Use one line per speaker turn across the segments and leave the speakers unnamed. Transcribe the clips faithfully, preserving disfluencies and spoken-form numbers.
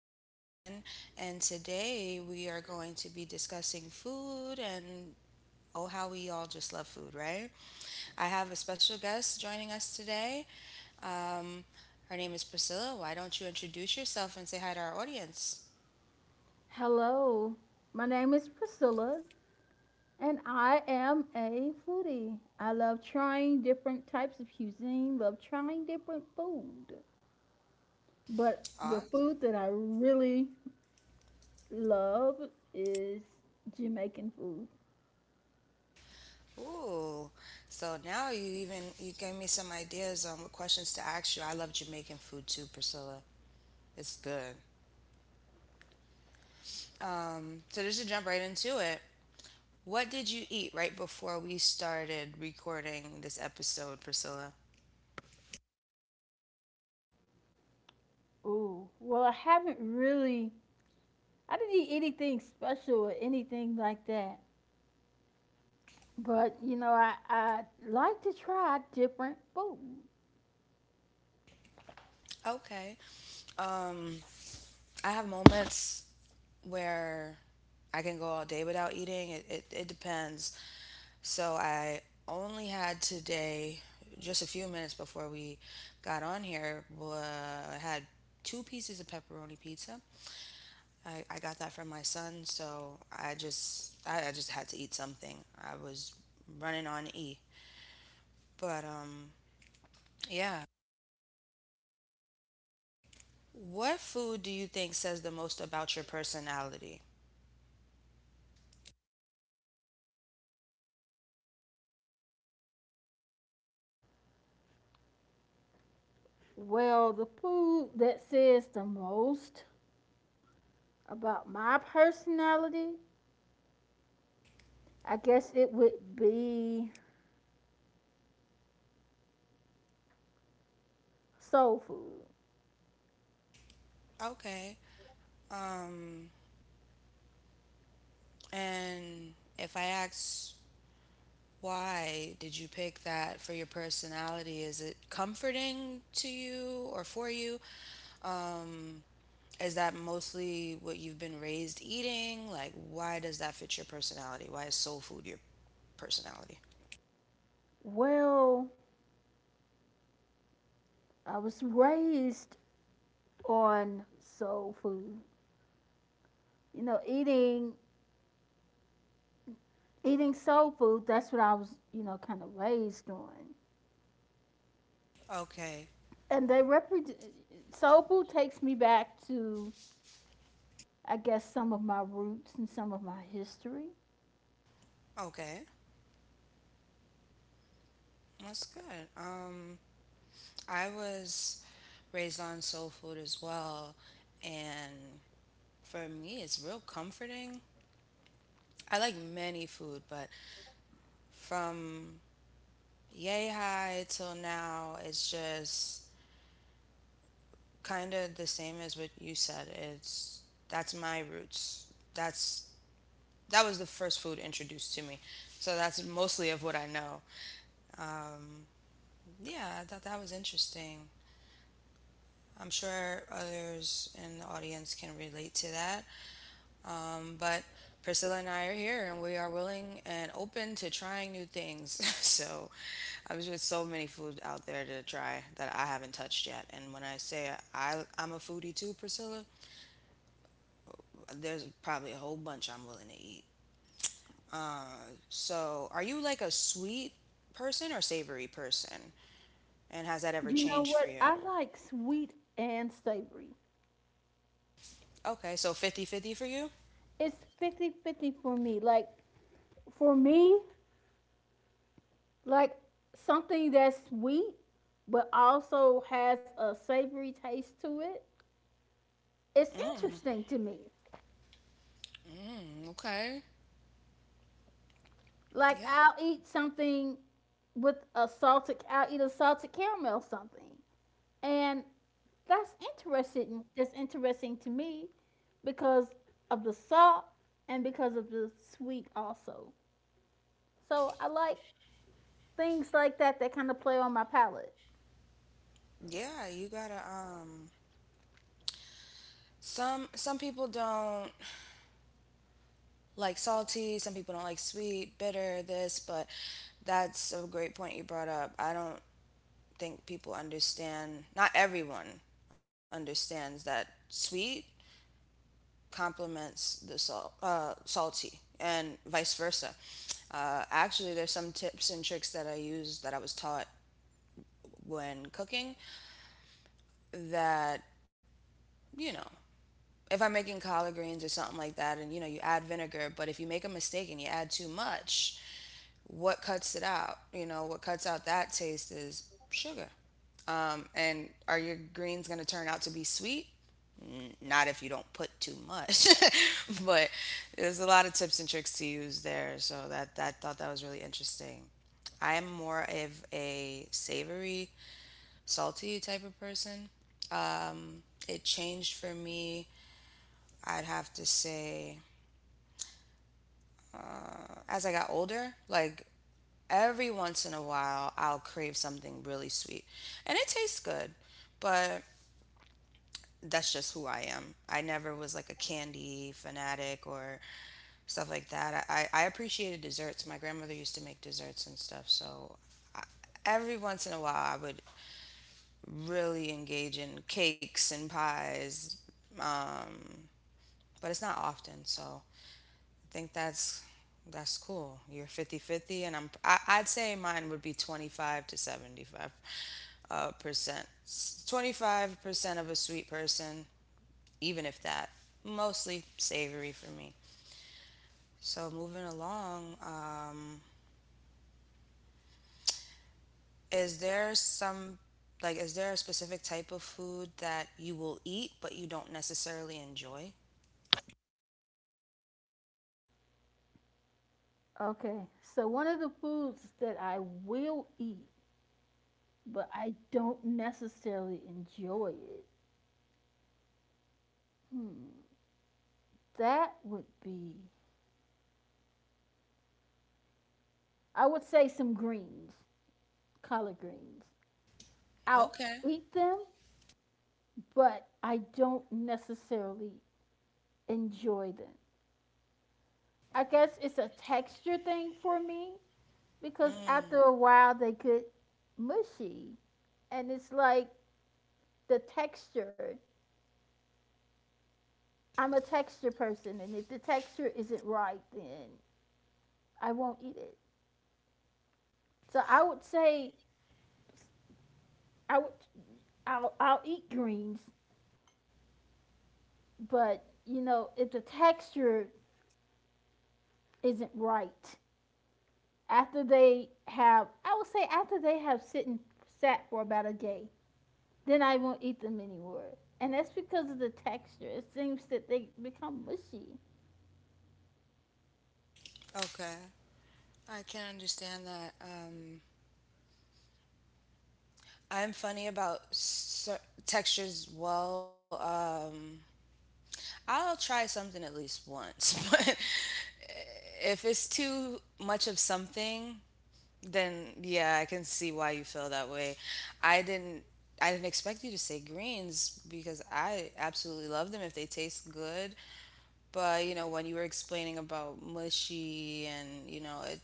back again, and today we are going to be discussing food and oh, how we all just love food, right? I have a special guest joining us today. Um, Her name is Priscilla. Why don't you introduce yourself and say hi to our audience?
Hello, my name is Priscilla, and I am a foodie. I love trying different types of cuisine, love trying different food. But
Aw,
the food that I really love is Jamaican food.
ooh. So now you even you gave me some ideas on what questions to ask you. I love Jamaican food too, Priscilla. It's good. Um, so just to jump right into it, what did you eat right before we started recording this episode, Priscilla?
Ooh, well, I haven't really, I didn't eat anything special or anything like that. But, you know, I, I like to try different food.
Okay. Um, I have moments where I can go all day without eating. It, it, it depends. So I only had today, just a few minutes before we got on here, wa- I had two pieces of pepperoni pizza. I, I got that from my son, so I just I, I just had to eat something. I was running on E. But um yeah, what food do you think says the most about your personality?
Well, the food that says the most about my personality, I guess it would be soul food.
Okay. Um, and if I ask why did you pick that for your personality, is it comforting to you or for you? Um, is that mostly what you've been raised eating? Like, why does that fit your personality? Why is soul food your personality?
Well, I was raised on soul food. You know, eating eating soul food, that's what I was, you know, kind of raised on.
Okay.
And they represent soul food takes me back to, I guess, some of my roots and some of my history.
Okay. That's good. Um, I was raised on soul food as well, and for me, it's real comforting. I like many food, but from yay high till now, it's just kind of the same as what you said. It's That's my roots. That's that was the first food introduced to me, so that's mostly of what I know. Um, yeah, I thought that was interesting. I'm sure others in the audience can relate to that. Um, but Priscilla and I are here and we are willing and open to trying new things. So um, there's just so many food out there to try that I haven't touched yet. And when I say I, I'm a foodie too, Priscilla, there's probably a whole bunch I'm willing to eat. Uh, so are you like a sweet person or savory person? And has that ever
You know
changed for
what?
you?
I like sweet and savory.
Okay, so fifty-fifty for you?
It's fifty-fifty for me. Like for me, like something that's sweet but also has a savory taste to it. It's
Mm,
interesting to me.
mm, Okay.
Like
Yeah.
I'll eat something with a salted I'll eat a salted caramel something. And that's interesting that's interesting to me because of the salt and because of the sweet also. So I like things like that that kind of play on my palate.
Yeah, you gotta um some some people don't like salty, some people don't like sweet, bitter, this, but that's a great point you brought up. I don't think people understand, not everyone understands that sweet complements the salt, uh, salty and vice versa. Uh, actually, there's some tips and tricks that I use that I was taught when cooking that, you know, if I'm making collard greens or something like that, and you know, you add vinegar, but if you make a mistake and you add too much, what cuts it out you know what cuts out that taste is sugar. Um, and are your greens going to turn out to be sweet? Not if you don't put too much. But there's a lot of tips and tricks to use there, so that that thought that was really interesting. I am more of a savory, salty type of person. It changed for me, I'd have to say, as I got older. Like every once in a while I'll crave something really sweet and it tastes good, but that's just who I am. I never was like a candy fanatic or stuff like that. I, I appreciated desserts. My grandmother used to make desserts and stuff. So I, every once in a while, I would really engage in cakes and pies, but it's not often. So I think that's that's cool. You're fifty-fifty, and I'm, I, I'd say mine would be twenty-five to seventy-five uh, percent. twenty-five percent of a sweet person, even if that, mostly savory for me. So moving along, um, is there some, like, is there a specific type of food that you will eat but you don't necessarily enjoy?
Okay. So one of the foods that I will eat but I don't necessarily enjoy it. Hmm. That would be, I would say some greens, collard greens. I'll
Okay.
eat them, but I don't necessarily enjoy them. I guess it's a texture thing for me because after
Mm,
a while they get mushy and it's like the texture. I'm a texture person, and if the texture isn't right, then I won't eat it. So I would say I would I'll I'll eat greens, but you know if the texture isn't right after they have, I would say after they have sit and sat for about a day, then I won't eat them anymore. And that's because of the texture. It seems that they become mushy.
Okay, I can understand that. Um, I'm funny about cer- textures. Well, um, I'll try something at least once, but if it's too much of something, then yeah, I can see why you feel that way. I didn't I didn't expect you to say greens because I absolutely love them if they taste good. But you know, when you were explaining about mushy and you know, it,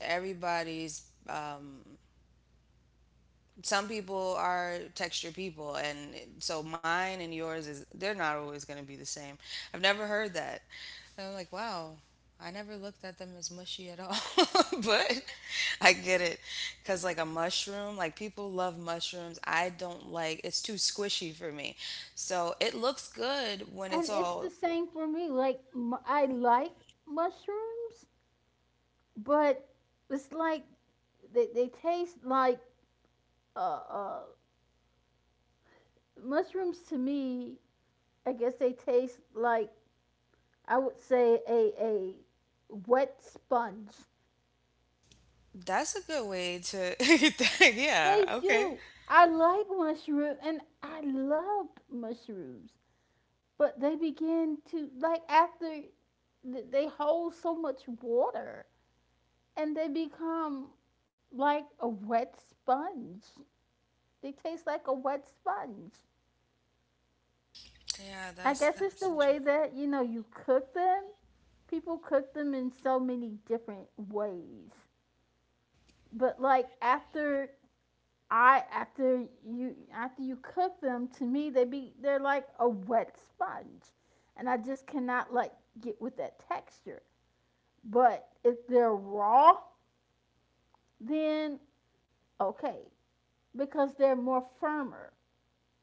everybody's um, some people are texture people and so mine and yours is they're not always going to be the same. I've never heard that and I'm like, wow, I never looked at them as mushy at all. But I get it, because like a mushroom, like people love mushrooms, I don't like, it's too squishy for me. So it looks good when it's
And it's the
all,
same for me. Like mu- I like mushrooms, but it's like they, they taste like uh, uh, mushrooms to me. I guess they taste like, I would say, a a wet sponge.
that's a good way to. Yeah,
They
okay.
do. I like mushrooms and I loved mushrooms, but they begin to like after th- they hold so much water and they become like a wet sponge. They taste like a wet sponge.
Yeah,
I
that's
guess it's the
that's
way
interesting.
that you know you cook them. People cook them in so many different ways. But like after I after you after you cook them, to me they be they're like a wet sponge, and I just cannot like get with that texture. But if they're raw, then okay, because they're more firmer.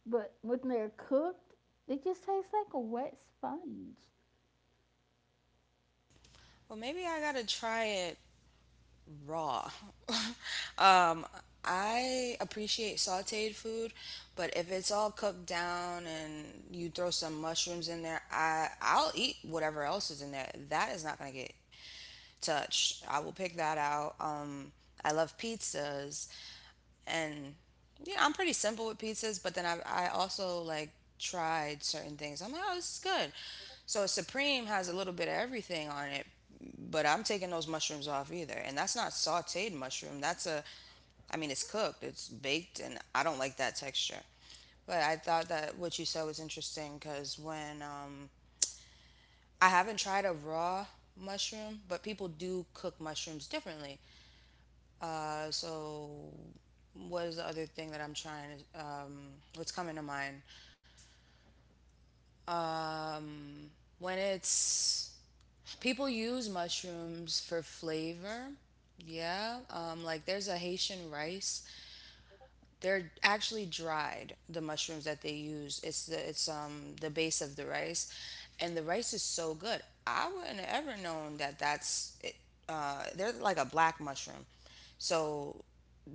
But when they're cooked, they just taste like a wet sponge.
Well, maybe I gotta try it raw. um, I appreciate sauteed food, but if it's all cooked down and you throw some mushrooms in there, I I'll eat whatever else is in there. That is not gonna get touched. I will pick that out. Um, I love pizzas and yeah, I'm pretty simple with pizzas, but then I I also like tried certain things. I'm like, oh, this is good. So Supreme has a little bit of everything on it, but I'm taking those mushrooms off either, and that's not sautéed mushroom. That's a, I mean, it's cooked, it's baked, and I don't like that texture. But I thought that what you said was interesting because when um, I haven't tried a raw mushroom, but people do cook mushrooms differently. Uh, so what is the other thing that I'm trying to, um, what's coming to mind? When it's, people use mushrooms for flavor. Yeah. Um, like there's a Haitian rice. They're actually dried, the mushrooms that they use. It's the, it's, um, the base of the rice. And the rice is so good. I wouldn't have ever known that that's, it, uh, they're like a black mushroom. So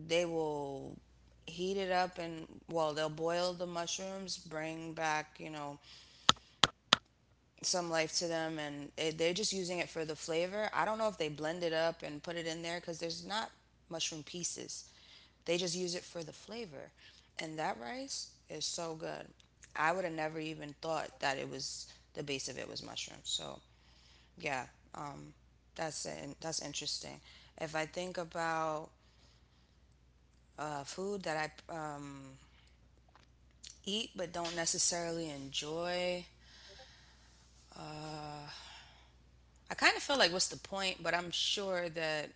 they will heat it up and well they'll boil the mushrooms, bring back you know some life to them, and it, they're just using it for the flavor. I don't know if they blend it up and put it in there because there's not mushroom pieces. They just use it for the flavor, and that rice is so good. I would have never even thought that it was the base of it was mushrooms. So yeah, um, that's in, that's interesting. If I think about uh, food that I um, eat but don't necessarily enjoy, I kind of feel like what's the point? But I'm sure that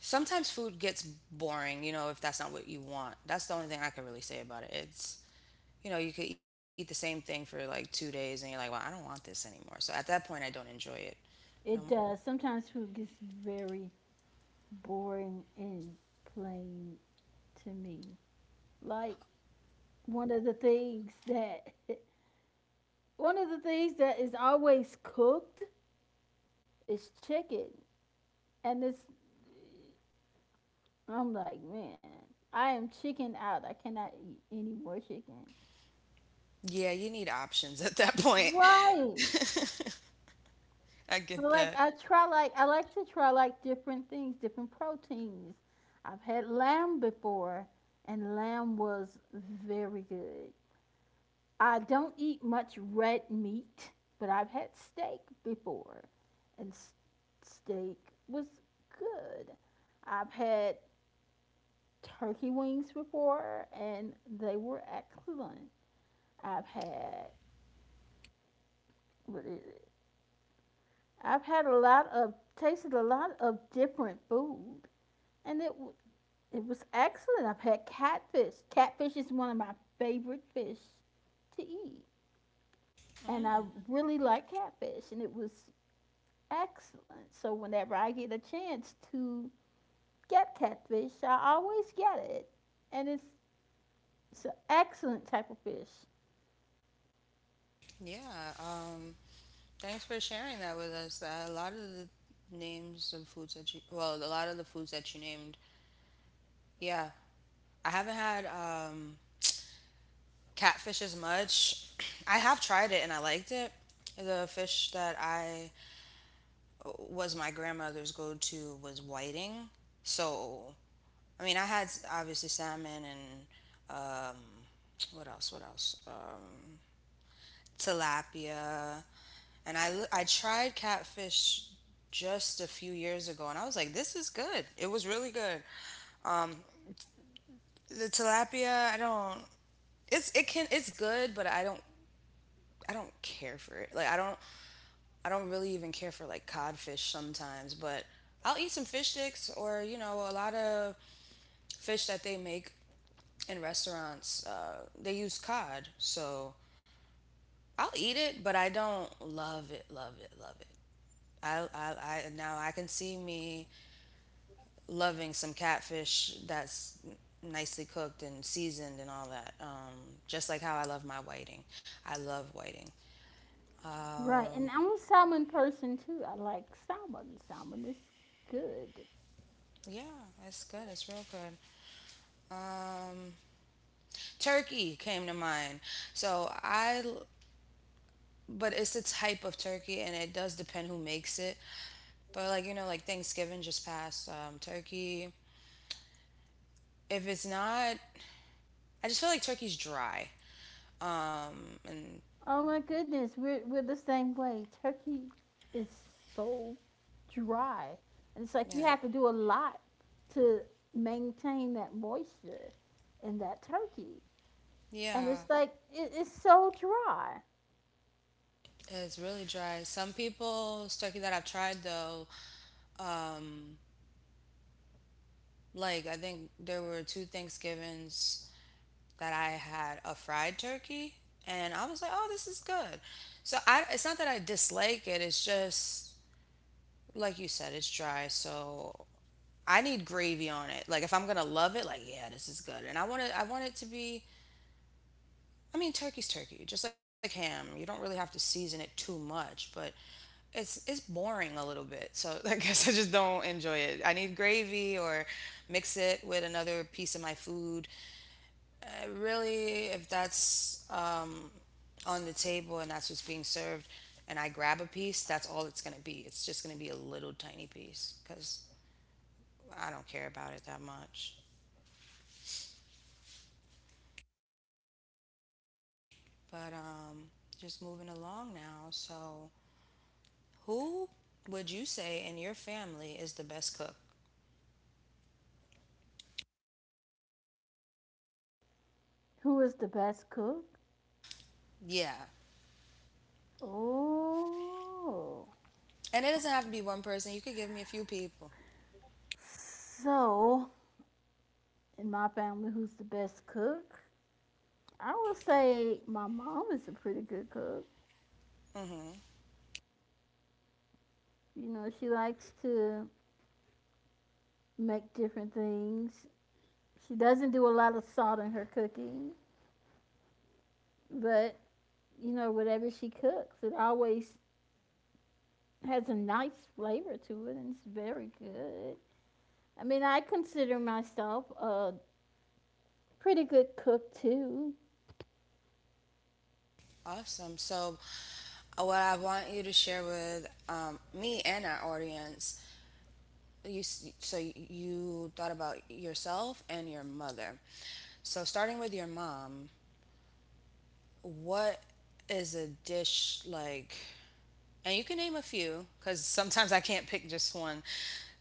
sometimes food gets boring, you know, if that's not what you want. That's the only thing I can really say about it. It's, you know, you could eat the same thing for like two days and you're like, well, I don't want this anymore. So at that point, I don't enjoy it. Um,
It does. Sometimes food gets very boring and plain to me. Like one of the things that one of the things that is always cooked is chicken, and it's I'm like, man, I am chicken out. I cannot eat any more chicken.
yeah, you need options at that point.
Right.
I
So
get
like
that.
I try like I like to try like different things, different proteins. I've had lamb before, and lamb was very good. I don't eat much red meat, but I've had steak before, and s- steak was good. I've had turkey wings before, and they were excellent. I've had, what is it, I've had a lot of tasted a lot of different food, and it it was excellent. I've had catfish. Catfish is one of my favorite fish to eat, and I
Mm,
really like catfish, and it was excellent. So whenever I get a chance to get catfish, I always get it, and it's it's an excellent type of fish.
Yeah, um, thanks for sharing that with us. Uh, a lot of the names of foods that you, well, a lot of the foods that you named, yeah, I haven't had um, catfish as much. I have tried it and I liked it. The fish that I was my grandmother's go to was whiting. So, I mean, I had obviously salmon and um, what else? What else? Um, tilapia. And I, l- I tried catfish just a few years ago and I was like, this is good. It was really good. The tilapia, I don't. It's, it can, it's good, but I don't I don't care for it. Like I don't I don't really even care for like codfish sometimes, but I'll eat some fish sticks or you know a lot of fish that they make in restaurants. Uh, they use cod, so I'll eat it, but I don't love it, love it, love it. I, I, I now I can see me loving some catfish that's nicely cooked and seasoned and all that. Um, just like how I love my whiting. I love whiting.
Right,
Um,
and I'm a salmon person too. I like salmon. Salmon is good.
yeah, it's good. It's real good. um, Turkey came to mind. So I. But it's the type of turkey, and it does depend who makes it. But like you know, like Thanksgiving just passed, um, turkey. If it's not, I just feel like turkey's dry. Um, and
Oh my goodness, we're we're the same way. Turkey is so dry, and it's like you
yeah,
have to do a lot to maintain that moisture in that turkey, and it's
yeah,
like it, it's so dry.
it's really dry. Some people's turkey that I've tried though, um, like I think there were two Thanksgivings that I had a fried turkey and I was like, "Oh, this is good." So I it's not that I dislike it, it's just like you said, it's dry. So I need gravy on it. Like if I'm going to love it, like, "Yeah, this is good." And I want it I want it to be, I mean, turkey's turkey, just like ham. You don't really have to season it too much, but it's it's boring a little bit. So I guess I just don't enjoy it. I need gravy or mix it with another piece of my food. Uh, really, if that's um, on the table and that's what's being served, and I grab a piece, that's all it's going to be. It's just going to be a little tiny piece because I don't care about it that much. But um, Just moving along now. So, who would you say in your family is the best cook?
Who is the best cook?
Yeah.
Oh,
And it doesn't have to be one person. You could give me a few people.
so in my family, who's the best cook? I would say my mom is a pretty good cook. You know, she likes to make different things. She doesn't do a lot of salt in her cooking, but you know, whatever she cooks, it always has a nice flavor to it and it's very good. I mean, I consider myself a pretty good cook too.
Awesome. So, uh, what I want you to share with um, me and our audience you s- so you thought about yourself and your mother. So starting with your mom, what is a dish like? And you can name a few cuz sometimes I can't pick just one.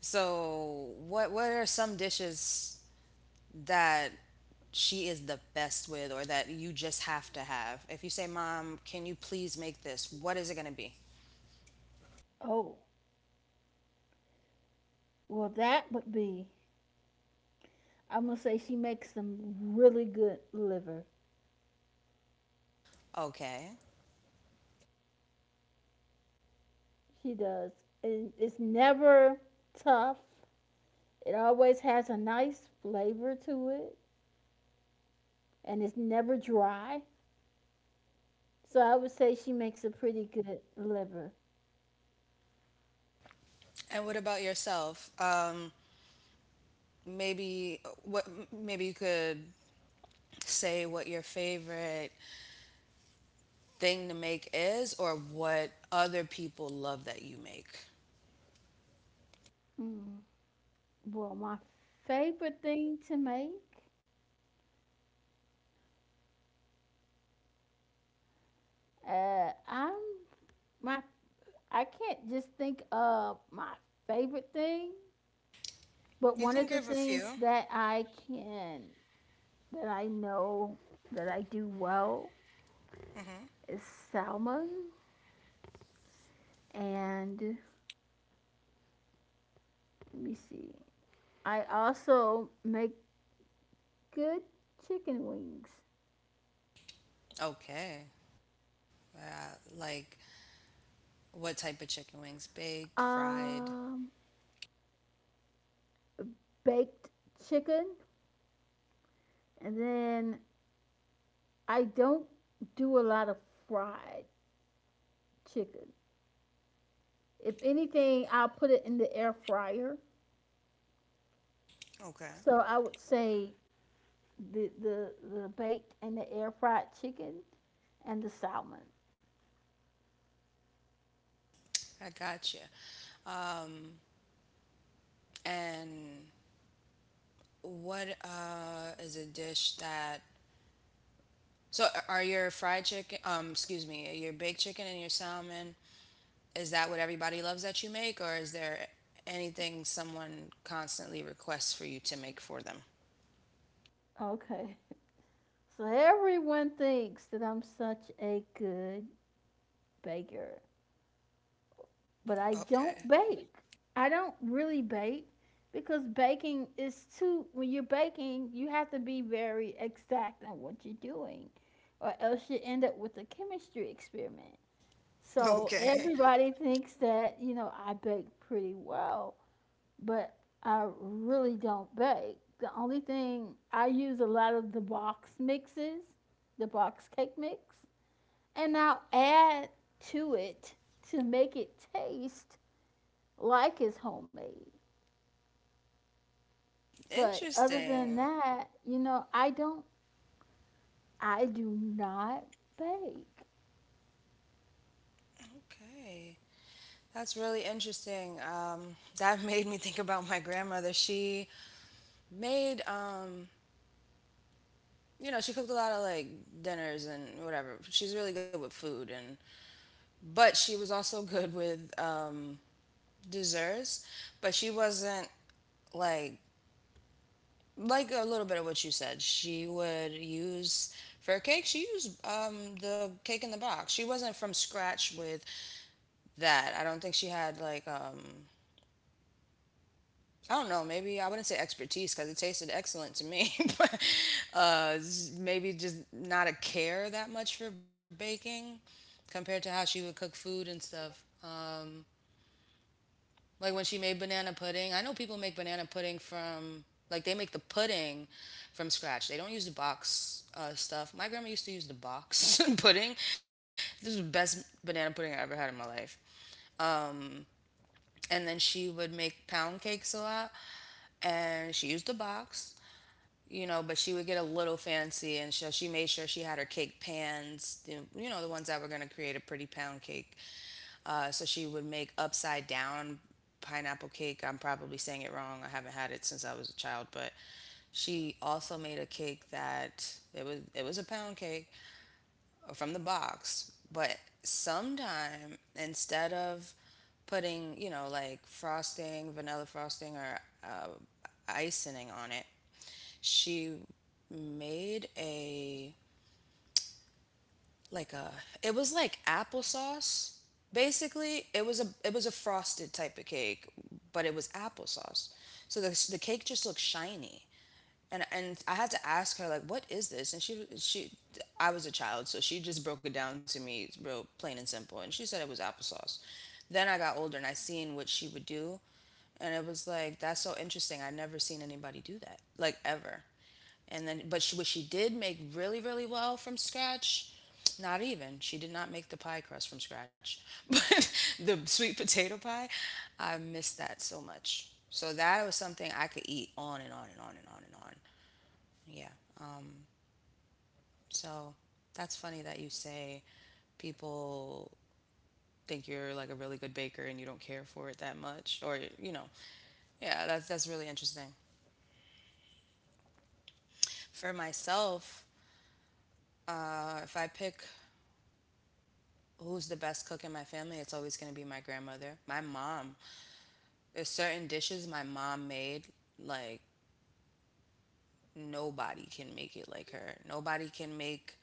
So what what are some dishes that she is the best with or that you just have to have? If you say, "Mom, can you please make this?" What is it going to be?
Oh, well, that would be. I'm gonna say she makes some really good liver.
Okay.
She does. And it's never tough. It always has a nice flavor to it and it's never dry. So I would say she makes a pretty good liver.
And what about yourself? Um maybe what maybe you could say what your favorite thing to make is or what other people love that you make?
Mm. Well, my favorite thing to make, uh, I'm my I can't just think of my favorite thing, but
You
one
can
of the
give a
things
few.
that I can that I know that I do well
Hmm.
is salmon and, let me see, I also make good chicken wings.
Okay. Uh, like what type of chicken wings? Baked, fried?
Um, Baked chicken, and then I don't do a lot of fried chicken. If anything, I'll put it in the air fryer.
Okay.
So I would say the the, the baked and the air fried chicken and the salmon.
I gotcha. Um, and what uh, is a dish that? So are your fried chicken? Um, excuse me, your baked chicken and your salmon. Is that what everybody loves that you make, or is there anything someone constantly requests for you to make for them?
Okay. So everyone thinks that I'm such a good baker, but I don't
Okay.
bake. I don't really bake because baking is too, when you're baking, you have to be very exact on what you're doing, or else you end up with a chemistry experiment. So
Okay.
everybody thinks that, you know, I bake pretty well, but I really don't bake. The only thing, I use a lot of the box mixes, the box cake mix, and I'll add to it to make it taste like it's homemade. But other
Interesting.
than that, you know, I don't, I do not bake.
Okay. That's really interesting. Um, that made me think about my grandmother. She made, um, you know, she cooked a lot of like dinners and whatever. She's really good with food, and but she was also good with um, desserts. But she wasn't like like a little bit of what you said. She would use for her cake. She used um, the cake in the box. She wasn't from scratch with that. I don't think she had like um, I don't know. Maybe I wouldn't say expertise because it tasted excellent to me, but uh, s- maybe just not a care that much for baking compared to how she would cook food and stuff. Like when she made banana pudding, I know people make banana pudding from like they make the pudding from scratch. They don't use the box uh, stuff. My grandma used to use the box pudding. This is the best banana pudding I ever had in my life. Um, and then she would make pound cakes a lot, and she used the box you know, but she would get a little fancy, and so she made sure she had her cake pans, you know, the ones that were going to create a pretty pound cake. Uh, so she would make upside down pineapple cake. I'm probably saying it wrong. I haven't had it since I was a child, but she also made a cake that it was it was a pound cake from the box, but sometime instead of putting you know like frosting, vanilla frosting, or uh, icing on it, she made a like a it was like applesauce. Basically, it was a it was a frosted type of cake, but it was applesauce. So the the cake just looked shiny. And and I had to ask her like, "What is this?" And she she I was a child, so she just broke it down to me real plain and simple. And she said it was applesauce. Then I got older and I seen what she would do. And it was like, that's so interesting. I've never seen anybody do that, like ever. And then but she, what she did make really really well from scratch, not even she did not make the pie crust from scratch but the sweet potato pie, I missed that so much. So that was something I could eat on and on and on and on and on. Yeah, so that's funny that you say people think you're like a really good baker and you don't care for it that much or you know. Yeah, that's that's really interesting. For myself, uh, if I pick who's the best cook in my family, it's always going to be my grandmother. My mom. There's certain dishes my mom made, like, nobody can make it like her. Nobody can make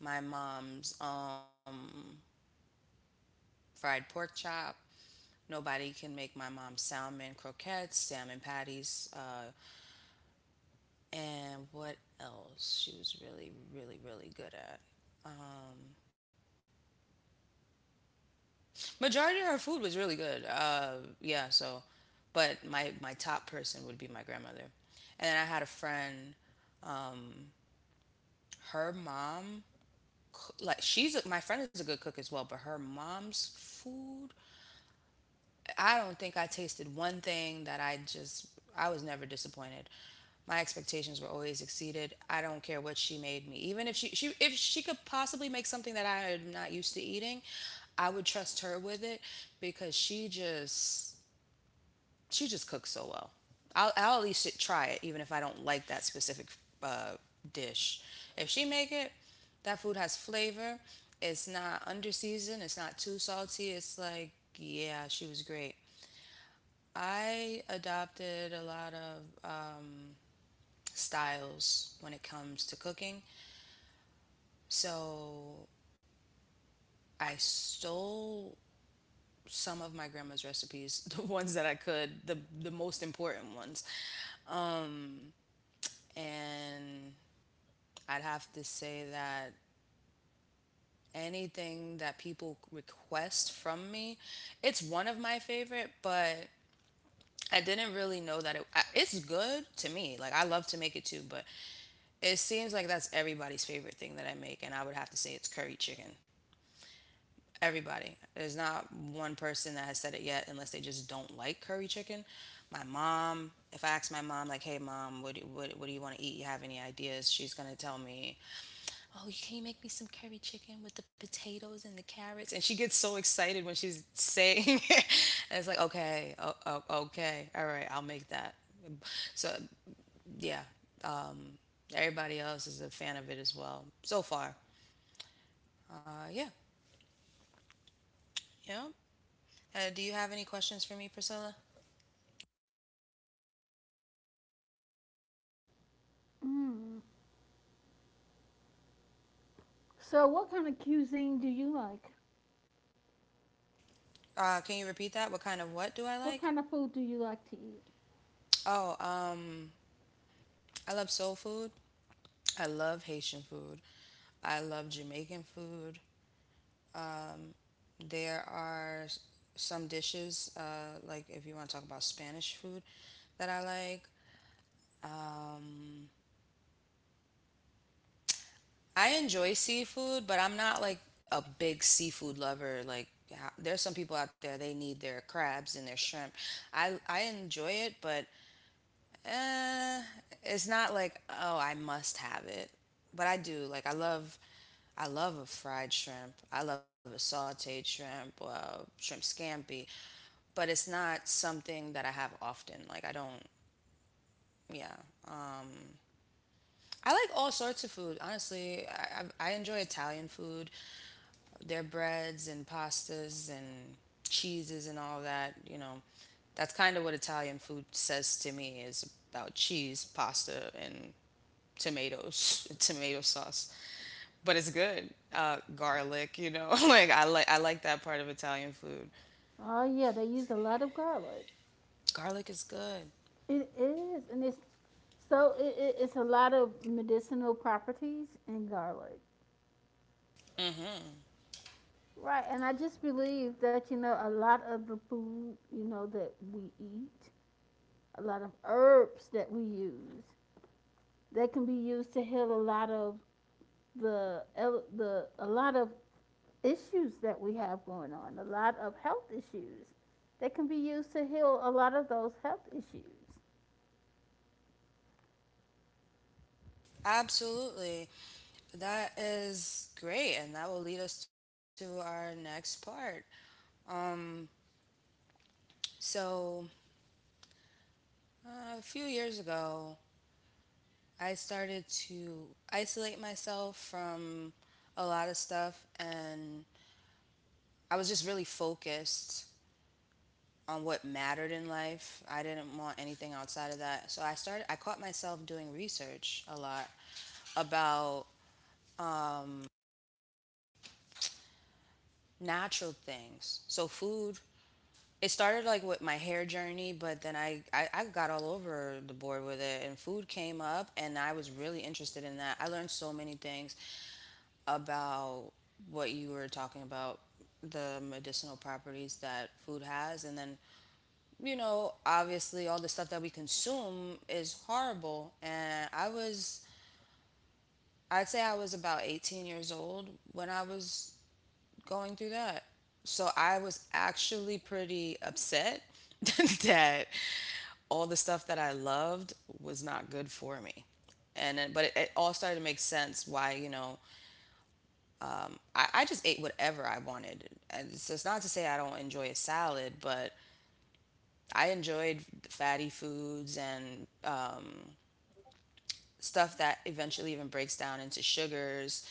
my mom's um, fried pork chop. Nobody can make my mom's salmon croquettes, salmon patties, uh, and what else she was really, really, really good at. Majority of her food was really good. Uh, yeah, so, but my my top person would be my grandmother, and then I had a friend. Um, Her mom, coo- like she's a, my friend is a good cook as well, but her mom's food, I don't think I tasted one thing that I just I was never disappointed. My expectations were always exceeded. I don't care what she made me, even if she she if she could possibly make something that I am not used to eating, I would trust her with it because she just she just cooks so well. I'll, I'll at least try it, even if I don't like that specific uh, dish. If she make it, that food has flavor. It's not under seasoned. It's not too salty. It's like yeah, she was great. I adopted a lot of um, styles when it comes to cooking, so I stole some of my grandma's recipes, the ones that I could, the the most important ones, and I'd have to say that anything that people request from me, it's one of my favorite, but I didn't really know that it, I- it's good to me. Like I love to make it too, but it seems like that's everybody's favorite thing that I make, and I would have to say it's curry chicken. Everybody. There's not one person that has said it yet, unless they just don't like curry chicken. My mom. If I ask my mom, like, "Hey, mom, what do, what, what do you want to eat? You have any ideas?" She's gonna tell me "Oh, can you make me some curry chicken with the potatoes and the carrots?" And she gets so excited when she's saying it. And it's like, "Okay, oh, oh, okay, all right, I'll make that." So yeah, um, everybody else is a fan of it as well so far. Uh, yeah, you know. Uh, do you have any questions for me, Priscilla?
Mm. So, what kind of cuisine do you like?
Uh, can you repeat that? What kind of what do I
What
like?
kind of food do you like to eat?
Oh, um, I love soul food. I love Haitian food. I love Jamaican food. There are s- some dishes, uh, like if you want to talk about Spanish food, that I like. I enjoy seafood, but I'm not like a big seafood lover. Like ha- there's some people out there they need their crabs and their shrimp. I I enjoy it, but Uh, it's not like, oh, I must have it, but I do. Like I love I love a fried shrimp. I love a sauteed shrimp, uh, shrimp scampi, but it's not something that I have often. Like I don't, yeah. Um, I like all sorts of food, honestly. I, I I enjoy Italian food, their breads and pastas and cheeses and all that, you know. That's kind of what Italian food says to me is about cheese, pasta, and tomatoes, tomato sauce, but it's good. Uh, garlic, you know, like I like I like that part of Italian food.
Oh yeah, they used a lot of garlic.
Garlic is good.
It is, and it's so it, it, it's a lot of medicinal properties in garlic,
Mm-hmm.
right? And I just believe that you know a lot of the food you know that we eat, a lot of herbs that we use, they can be used to heal a lot of the, the, a lot of issues that we have going on, a lot of health issues. They can be used to heal a lot of those health issues.
Absolutely. That is great, and that will lead us to our next part. Um, so, uh, a few years ago, I started to isolate myself from a lot of stuff, and I was just really focused on what mattered in life. I didn't want anything outside of that. So I started I caught myself doing research a lot about natural things. So food it started like with my hair journey, but then I, I, I got all over the board with it and food came up and I was really interested in that. I learned so many things about what you were talking about the medicinal properties that food has and then you know, obviously all the stuff that we consume is horrible. And I was, I'd say I was about eighteen years old when I was going through that. So I was actually pretty upset that all the stuff that I loved was not good for me. And then, but it, it all started to make sense why, you know, I, I just ate whatever I wanted. And it's, it's not to say I don't enjoy a salad, but I enjoyed fatty foods and stuff that eventually even breaks down into sugars.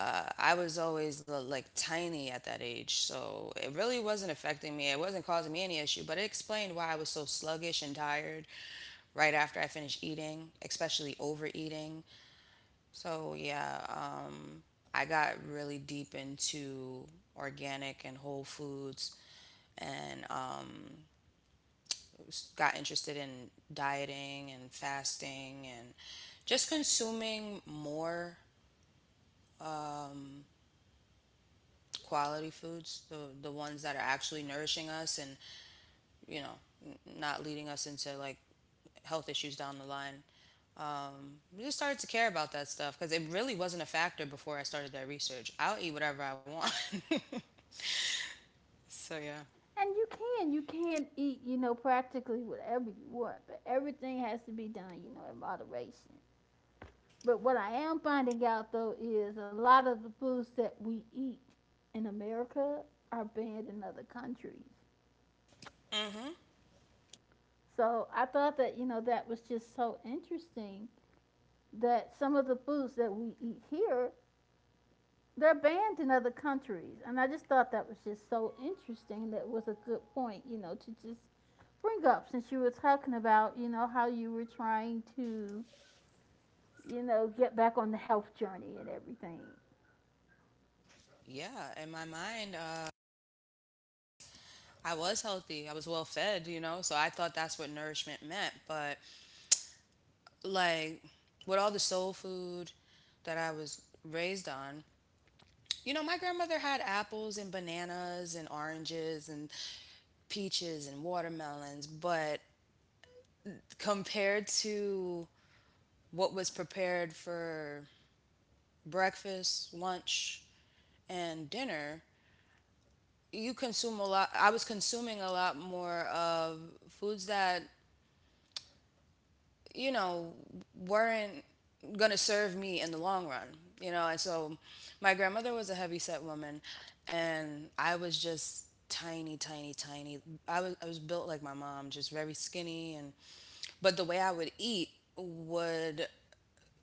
Uh, I was always like tiny at that age, so it really wasn't affecting me. It wasn't causing me any issue, but it explained why I was so sluggish and tired right after I finished eating, especially overeating. So, yeah, I got really deep into organic and whole foods and um, s- got interested in dieting and fasting and just consuming more quality foods, the the ones that are actually nourishing us and you know n- not leading us into like health issues down the line. Um, I just started to care about that stuff because it really wasn't a factor before I started that research. I'll eat whatever I want. So yeah.
And you can, you can eat, you know, practically whatever you want, but everything has to be done, you know, in moderation. But what I am finding out though is a lot of the foods that we eat in America are banned in other countries.
Mhm.
So I thought that, you know, that was just so interesting that some of the foods that we eat here, they're banned in other countries, and I just thought that was just so interesting. That was a good point, you know, to just bring up since you were talking about you know how you were trying to, you know, get back on the health journey and everything.
Yeah. In my mind, uh, I was healthy. I was well fed. You know, so I thought that's what nourishment meant. But like with all the soul food that I was raised on, you know, my grandmother had apples and bananas and oranges and peaches and watermelons, but compared to what was prepared for breakfast, lunch, and dinner, you consume a lot. I was consuming a lot more of foods that, you know, weren't going to serve me in the long run, you know. And so my grandmother was a heavyset woman, and I was just tiny, tiny, tiny. I was, I was built like my mom, just very skinny. And, but the way I would eat would,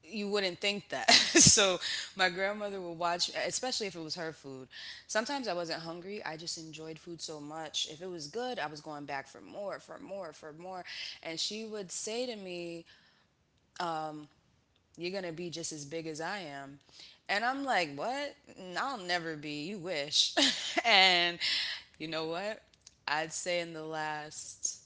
you wouldn't think that. So my grandmother would watch, especially if it was her food. Sometimes I wasn't hungry. I just enjoyed food so much. If it was good, I was going back for more, for more, for more. And she would say to me, you're gonna be just as big as I am. And I'm like, what? i I'll never be. You wish. And you know what? I'd say in the last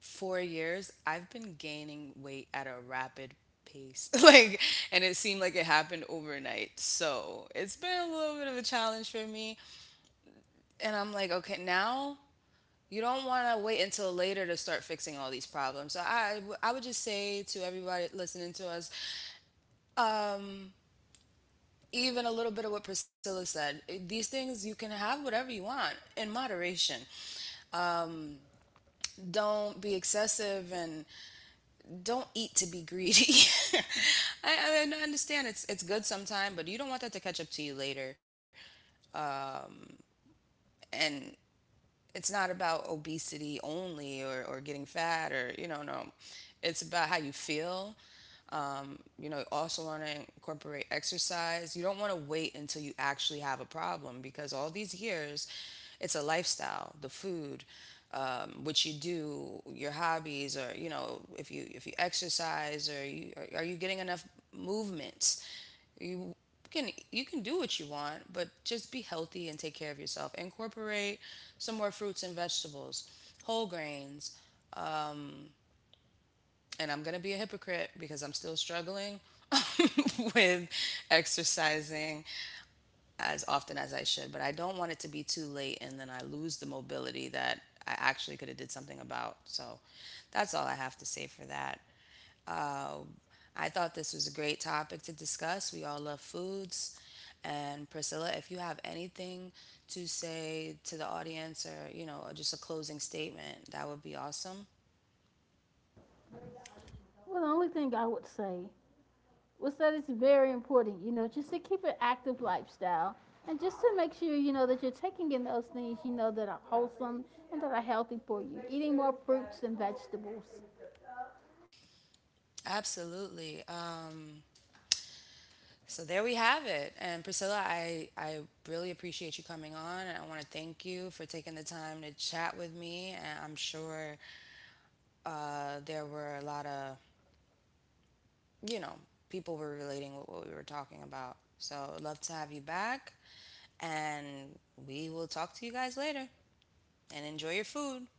four years, I've been gaining weight at a rapid pace. Like, and it seemed like it happened overnight. So it's been a little bit of a challenge for me. And I'm like, okay, now you don't want to wait until later to start fixing all these problems. So I, I would just say to everybody listening to us, even a little bit of what Priscilla said. eh, These things, you can have whatever you want in moderation. Don't be excessive and don't eat to be greedy. I, I mean, I understand it's it's good sometime, but you don't want that to catch up to you later. And it's not about obesity only or, or getting fat or, you know, no. It's about how you feel, you know, also want to incorporate exercise. You don't want to wait until you actually have a problem because all these years, it's a lifestyle, the food, um, what you do, your hobbies, or you know, if you if you exercise, or you are, are you getting enough movements? You can you can do what you want, but just be healthy and take care of yourself. Incorporate some more fruits and vegetables, whole grains, and I'm going to be a hypocrite because I'm still struggling with exercising as often as I should, but I don't want it to be too late and then I lose the mobility that I actually could have did something about. So that's all I have to say for that. Um, I thought this was a great topic to discuss. We all love foods. And Priscilla, if you have anything to say to the audience or, you know, just a closing statement, that would be awesome.
Well, the only thing I would say was that it's very important, you know, just to keep an active lifestyle and just to make sure you know that you're taking in those things you know that are wholesome and that are healthy for you, eating more fruits and vegetables.
Absolutely. Um, So there we have it. And Priscilla, I, I really appreciate you coming on. And I want to thank you for taking the time to chat with me. And I'm sure uh, there were a lot of, you know, people were relating with what we were talking about. So I'd love to have you back. And we will talk to you guys later. And enjoy your food.